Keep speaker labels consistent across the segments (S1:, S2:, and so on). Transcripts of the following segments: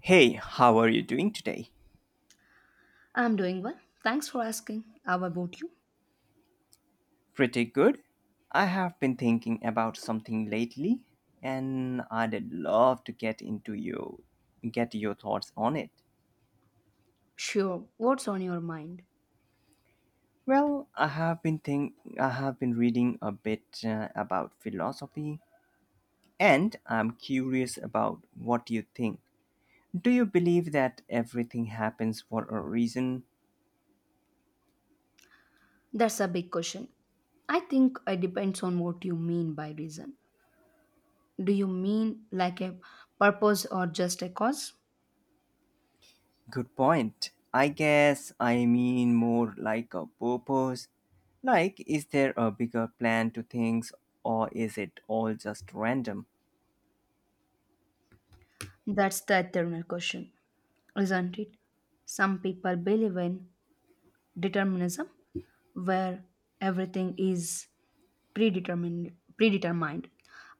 S1: Hey, how are you doing today?
S2: I'm doing well. Thanks for asking. How about you?
S1: Pretty good. I have been thinking about something lately and I'd love to get your thoughts on it.
S2: Sure. What's on your mind?
S1: Well, I have been reading a bit about philosophy and I'm curious about what you think. Do you believe that everything happens for a reason?
S2: That's a big question. I think it depends on what you mean by reason. Do you mean like a purpose or just a cause?
S1: Good point. I guess I mean more like a purpose. Like, is there a bigger plan to things, or is it all just random?
S2: That's the eternal question, isn't it? Some people believe in determinism, where everything is predetermined.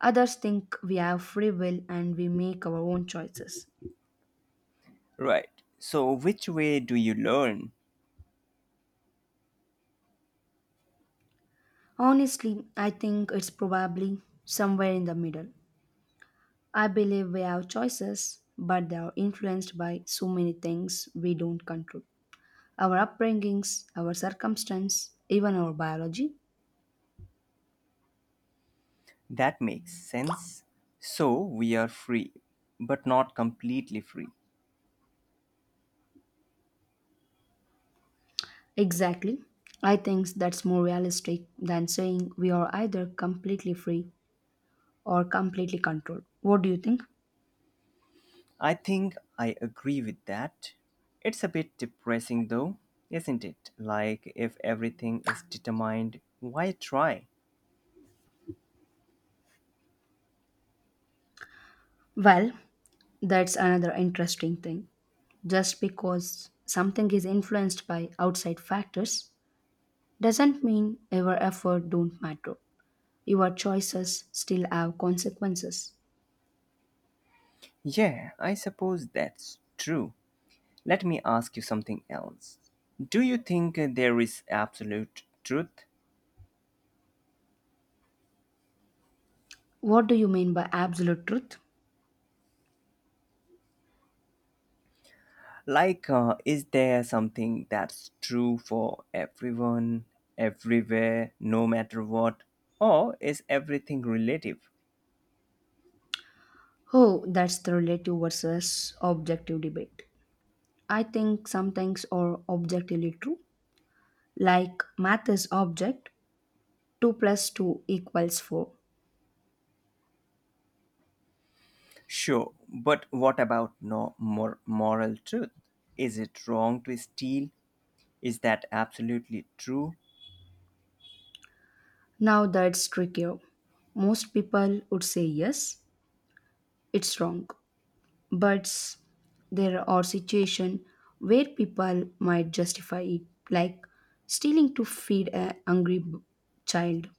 S2: Others think we have free will and we make our own choices.
S1: Right. So, which way do you learn?
S2: Honestly, I think it's probably somewhere in the middle. I believe we have choices, but they are influenced by so many things we don't control, our upbringings, our circumstance, even our biology.
S1: That makes sense. So, we are free, but not completely free.
S2: Exactly. I think that's more realistic than saying we are either completely free or completely controlled. What do you think?
S1: I think I agree with that. It's a bit depressing though, isn't it? Like, if everything is determined, why try?
S2: Well, that's another interesting thing. Just because something is influenced by outside factors doesn't mean our effort don't matter. Your choices still have consequences.
S1: Yeah, I suppose that's true. Let me ask you something else. Do you think there is absolute truth?
S2: What do you mean by absolute truth?
S1: Like, is there something that's true for everyone, everywhere, no matter what? Or is everything relative?
S2: Oh, that's the relative versus objective debate. I think some things are objectively true, like math is object, 2 plus 2 equals 4.
S1: Sure, but what about no mor- moral truth? Is it wrong to steal? Is that absolutely true?
S2: Now that's trickier. Most people would say yes, it's wrong. But there are situations where people might justify it, like stealing to feed a hungry child.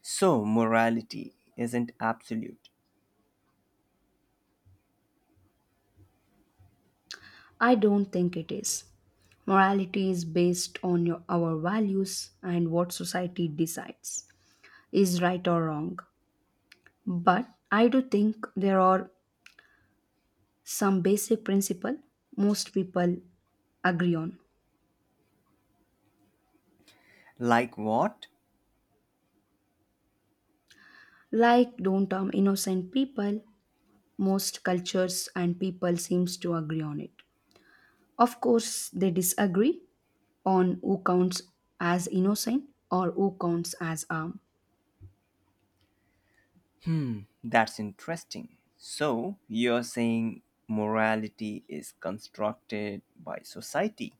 S1: So, morality isn't absolute.
S2: I don't think it is. Morality is based on your, our values and what society decides is right or wrong. But I do think there are some basic principle most people agree on.
S1: Like what?
S2: Like don't harm innocent people, most cultures and people seems to agree on it. Of course, they disagree on who counts as innocent or who counts as harm.
S1: That's interesting. So, you're saying morality is constructed by society.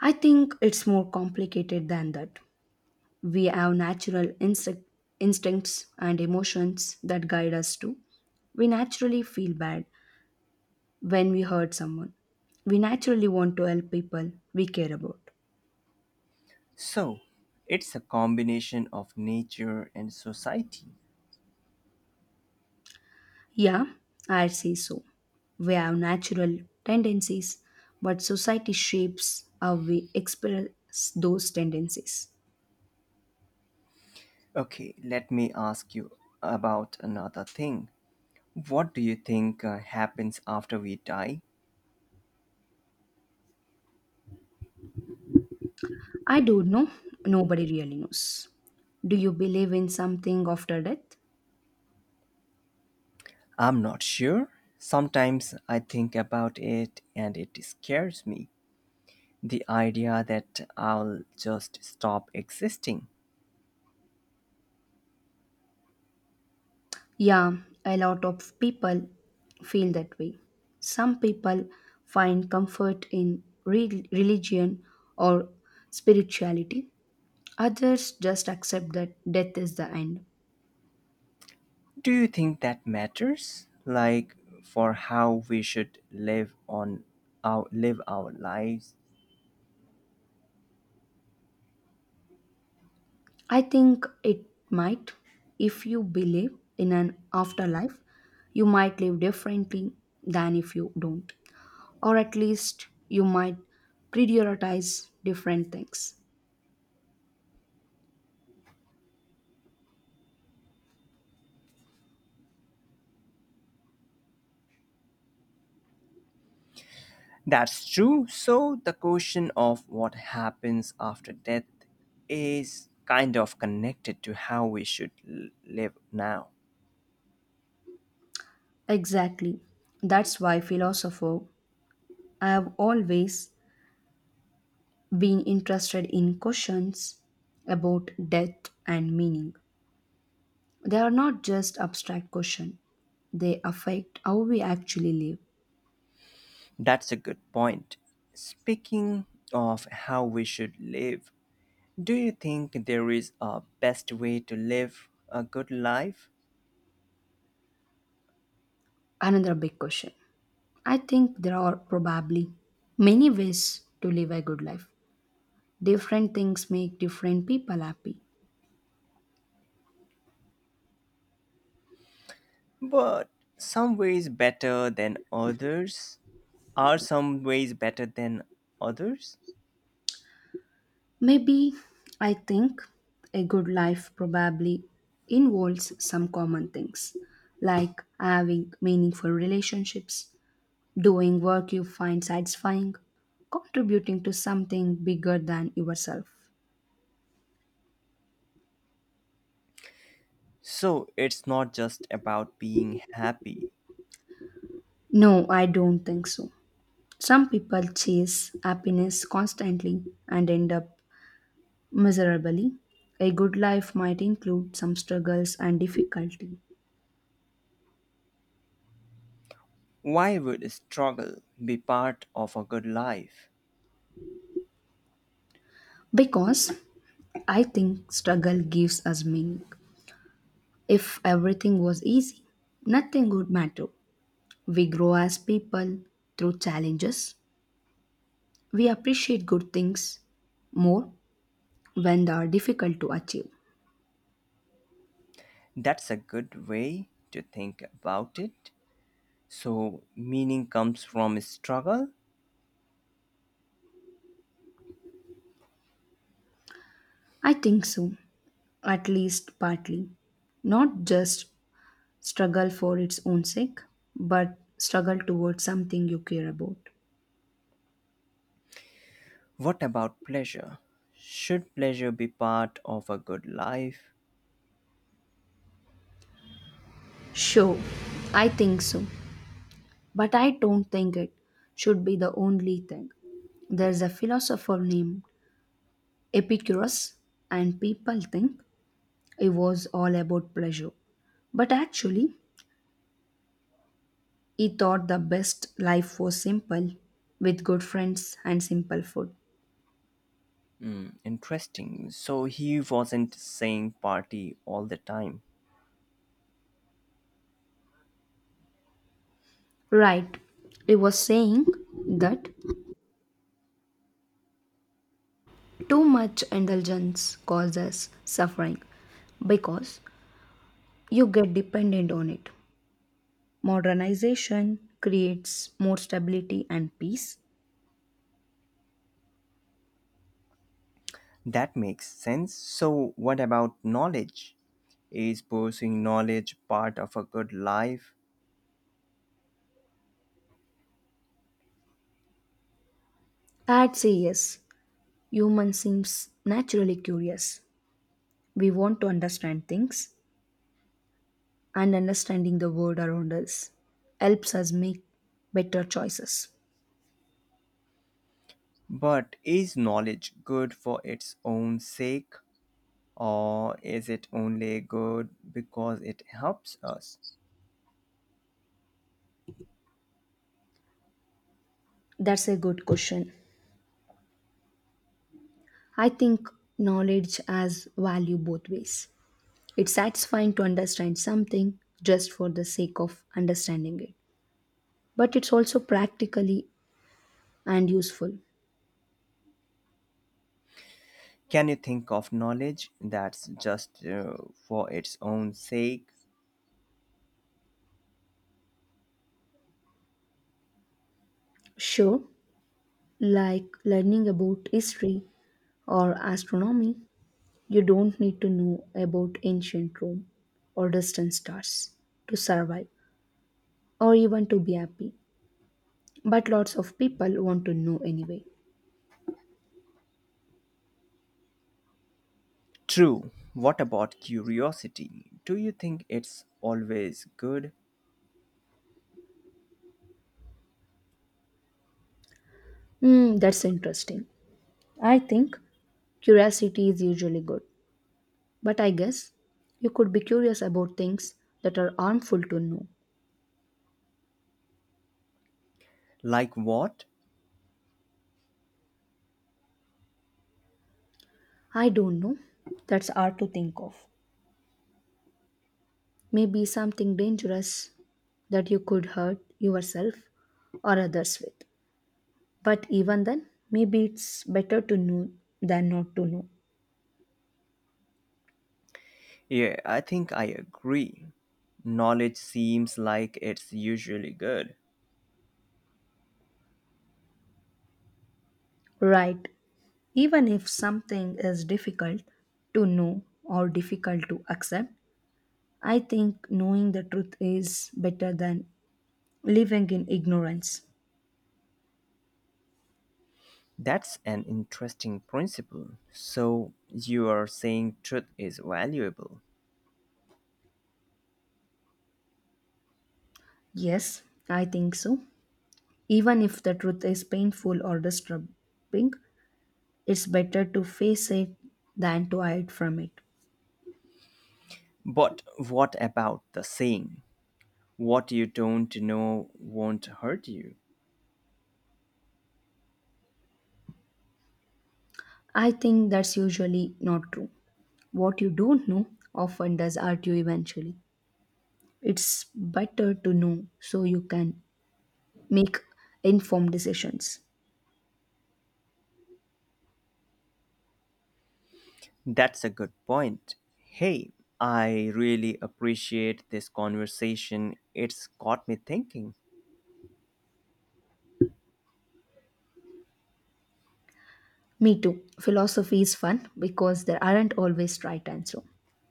S2: I think it's more complicated than that. We have instincts and emotions that guide us too. We naturally feel bad when we hurt someone. We naturally want to help people we care about.
S1: So, it's a combination of nature and society.
S2: Yeah, I say so. We have natural tendencies, but society shapes how we express those tendencies.
S1: Okay, let me ask you about another thing. What do you think happens after we die?
S2: I don't know. Nobody really knows. Do you believe in something after death?
S1: I'm not sure. Sometimes I think about it and it scares me. The idea that I'll just stop existing.
S2: Yeah, a lot of people feel that way. Some people find comfort in religion or spirituality, others just accept that death is the end.
S1: Do you think that matters? Like, for how we should live our lives?
S2: I think it might. If you believe in an afterlife, you might live differently than if you don't, or at least you might prioritize different things.
S1: That's true. So the question of what happens after death is kind of connected to how we should live now.
S2: Exactly. That's why philosopher I have always been interested in questions about death and meaning. They are not just abstract questions. They affect how we actually live.
S1: That's a good point. Speaking of how we should live, do you think there is a best way to live a good life?
S2: Another big question. I think there are probably many ways to live a good life. Different things make different people happy.
S1: But some ways better than others are some ways better than others.
S2: Maybe. I think a good life probably involves some common things, like having meaningful relationships, doing work you find satisfying, contributing to something bigger than yourself.
S1: So it's not just about being happy.
S2: No, I don't think so. Some people chase happiness constantly and end up miserably. A good life might include some struggles and difficulty.
S1: Why would struggle be part of a good life?
S2: Because I think struggle gives us meaning. If everything was easy, nothing would matter. We grow as people through challenges. We appreciate good things more when they are difficult to achieve.
S1: That's a good way to think about it. So, meaning comes from struggle.
S2: I think so, at least partly. Not just struggle for its own sake, but struggle towards something you care about.
S1: What about pleasure? Should pleasure be part of a good life?
S2: Sure, I think so, but I don't think it should be the only thing. There's a philosopher named Epicurus, and people think it was all about pleasure. But actually, he thought the best life was simple, with good friends and simple food.
S1: Hmm, interesting. So, he wasn't saying party all the time.
S2: Right, he was saying that too much indulgence causes suffering because you get dependent on it. Modernization creates more stability and peace.
S1: That makes sense. So, what about knowledge? Is pursuing knowledge part of a good life?
S2: I'd say yes, human seems naturally curious. We want to understand things, and understanding the world around us helps us make better choices.
S1: But is knowledge good for its own sake? Or is it only good because it helps us?
S2: That's a good question. I think knowledge has value both ways. It's satisfying to understand something just for the sake of understanding it, but it's also practically and useful.
S1: Can you think of knowledge that's just for its own sake?
S2: Sure, like learning about history or astronomy, you don't need to know about ancient Rome or distant stars to survive or even to be happy, but lots of people want to know anyway.
S1: True. What about curiosity? Do you think it's always good?
S2: Hmm, that's interesting. I think curiosity is usually good, but I guess you could be curious about things that are harmful to know.
S1: Like what?
S2: I don't know. That's hard to think of. Maybe something dangerous that you could hurt yourself or others with. But even then, maybe it's better to know than not to know.
S1: Yeah, I think I agree. Knowledge seems like it's usually good.
S2: Right. Even if something is difficult to know or difficult to accept, I think knowing the truth is better than living in ignorance.
S1: That's an interesting principle. So, you are saying truth is valuable.
S2: Yes, I think so. Even if the truth is painful or disturbing, it's better to face it than to hide from it.
S1: But what about the saying? What you don't know won't hurt you.
S2: I think that's usually not true. What you don't know often does hurt you eventually. It's better to know so you can make informed decisions.
S1: That's a good point. Hey, I really appreciate this conversation. It's got me thinking.
S2: Me too. Philosophy is fun because there aren't always right answer.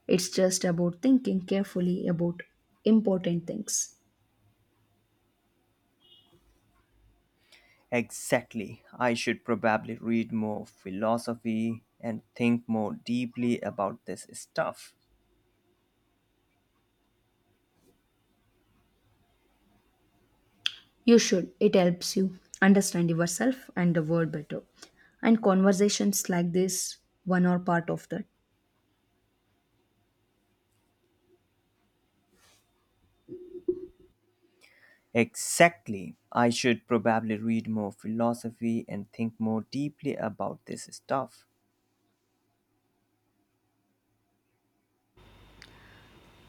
S2: It's just about thinking carefully about important things.
S1: Exactly. I should probably read more philosophy and think more deeply about this stuff.
S2: You should. It helps you understand yourself and the world better. And conversations like this one are part of that.
S1: Exactly. I should probably read more philosophy and think more deeply about this stuff.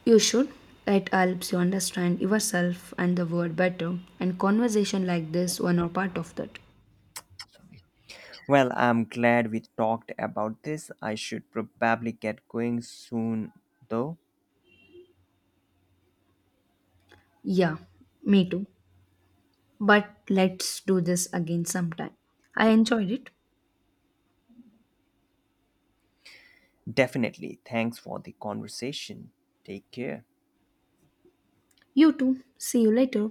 S2: You should. It helps you understand yourself and the world better. And conversation like this one are part of that.
S1: Sorry. Well, I'm glad we talked about this. I should probably get going soon, though.
S2: Yeah, me too. But let's do this again sometime. I enjoyed it.
S1: Definitely. Thanks for the conversation. Take care.
S2: You too. See you later.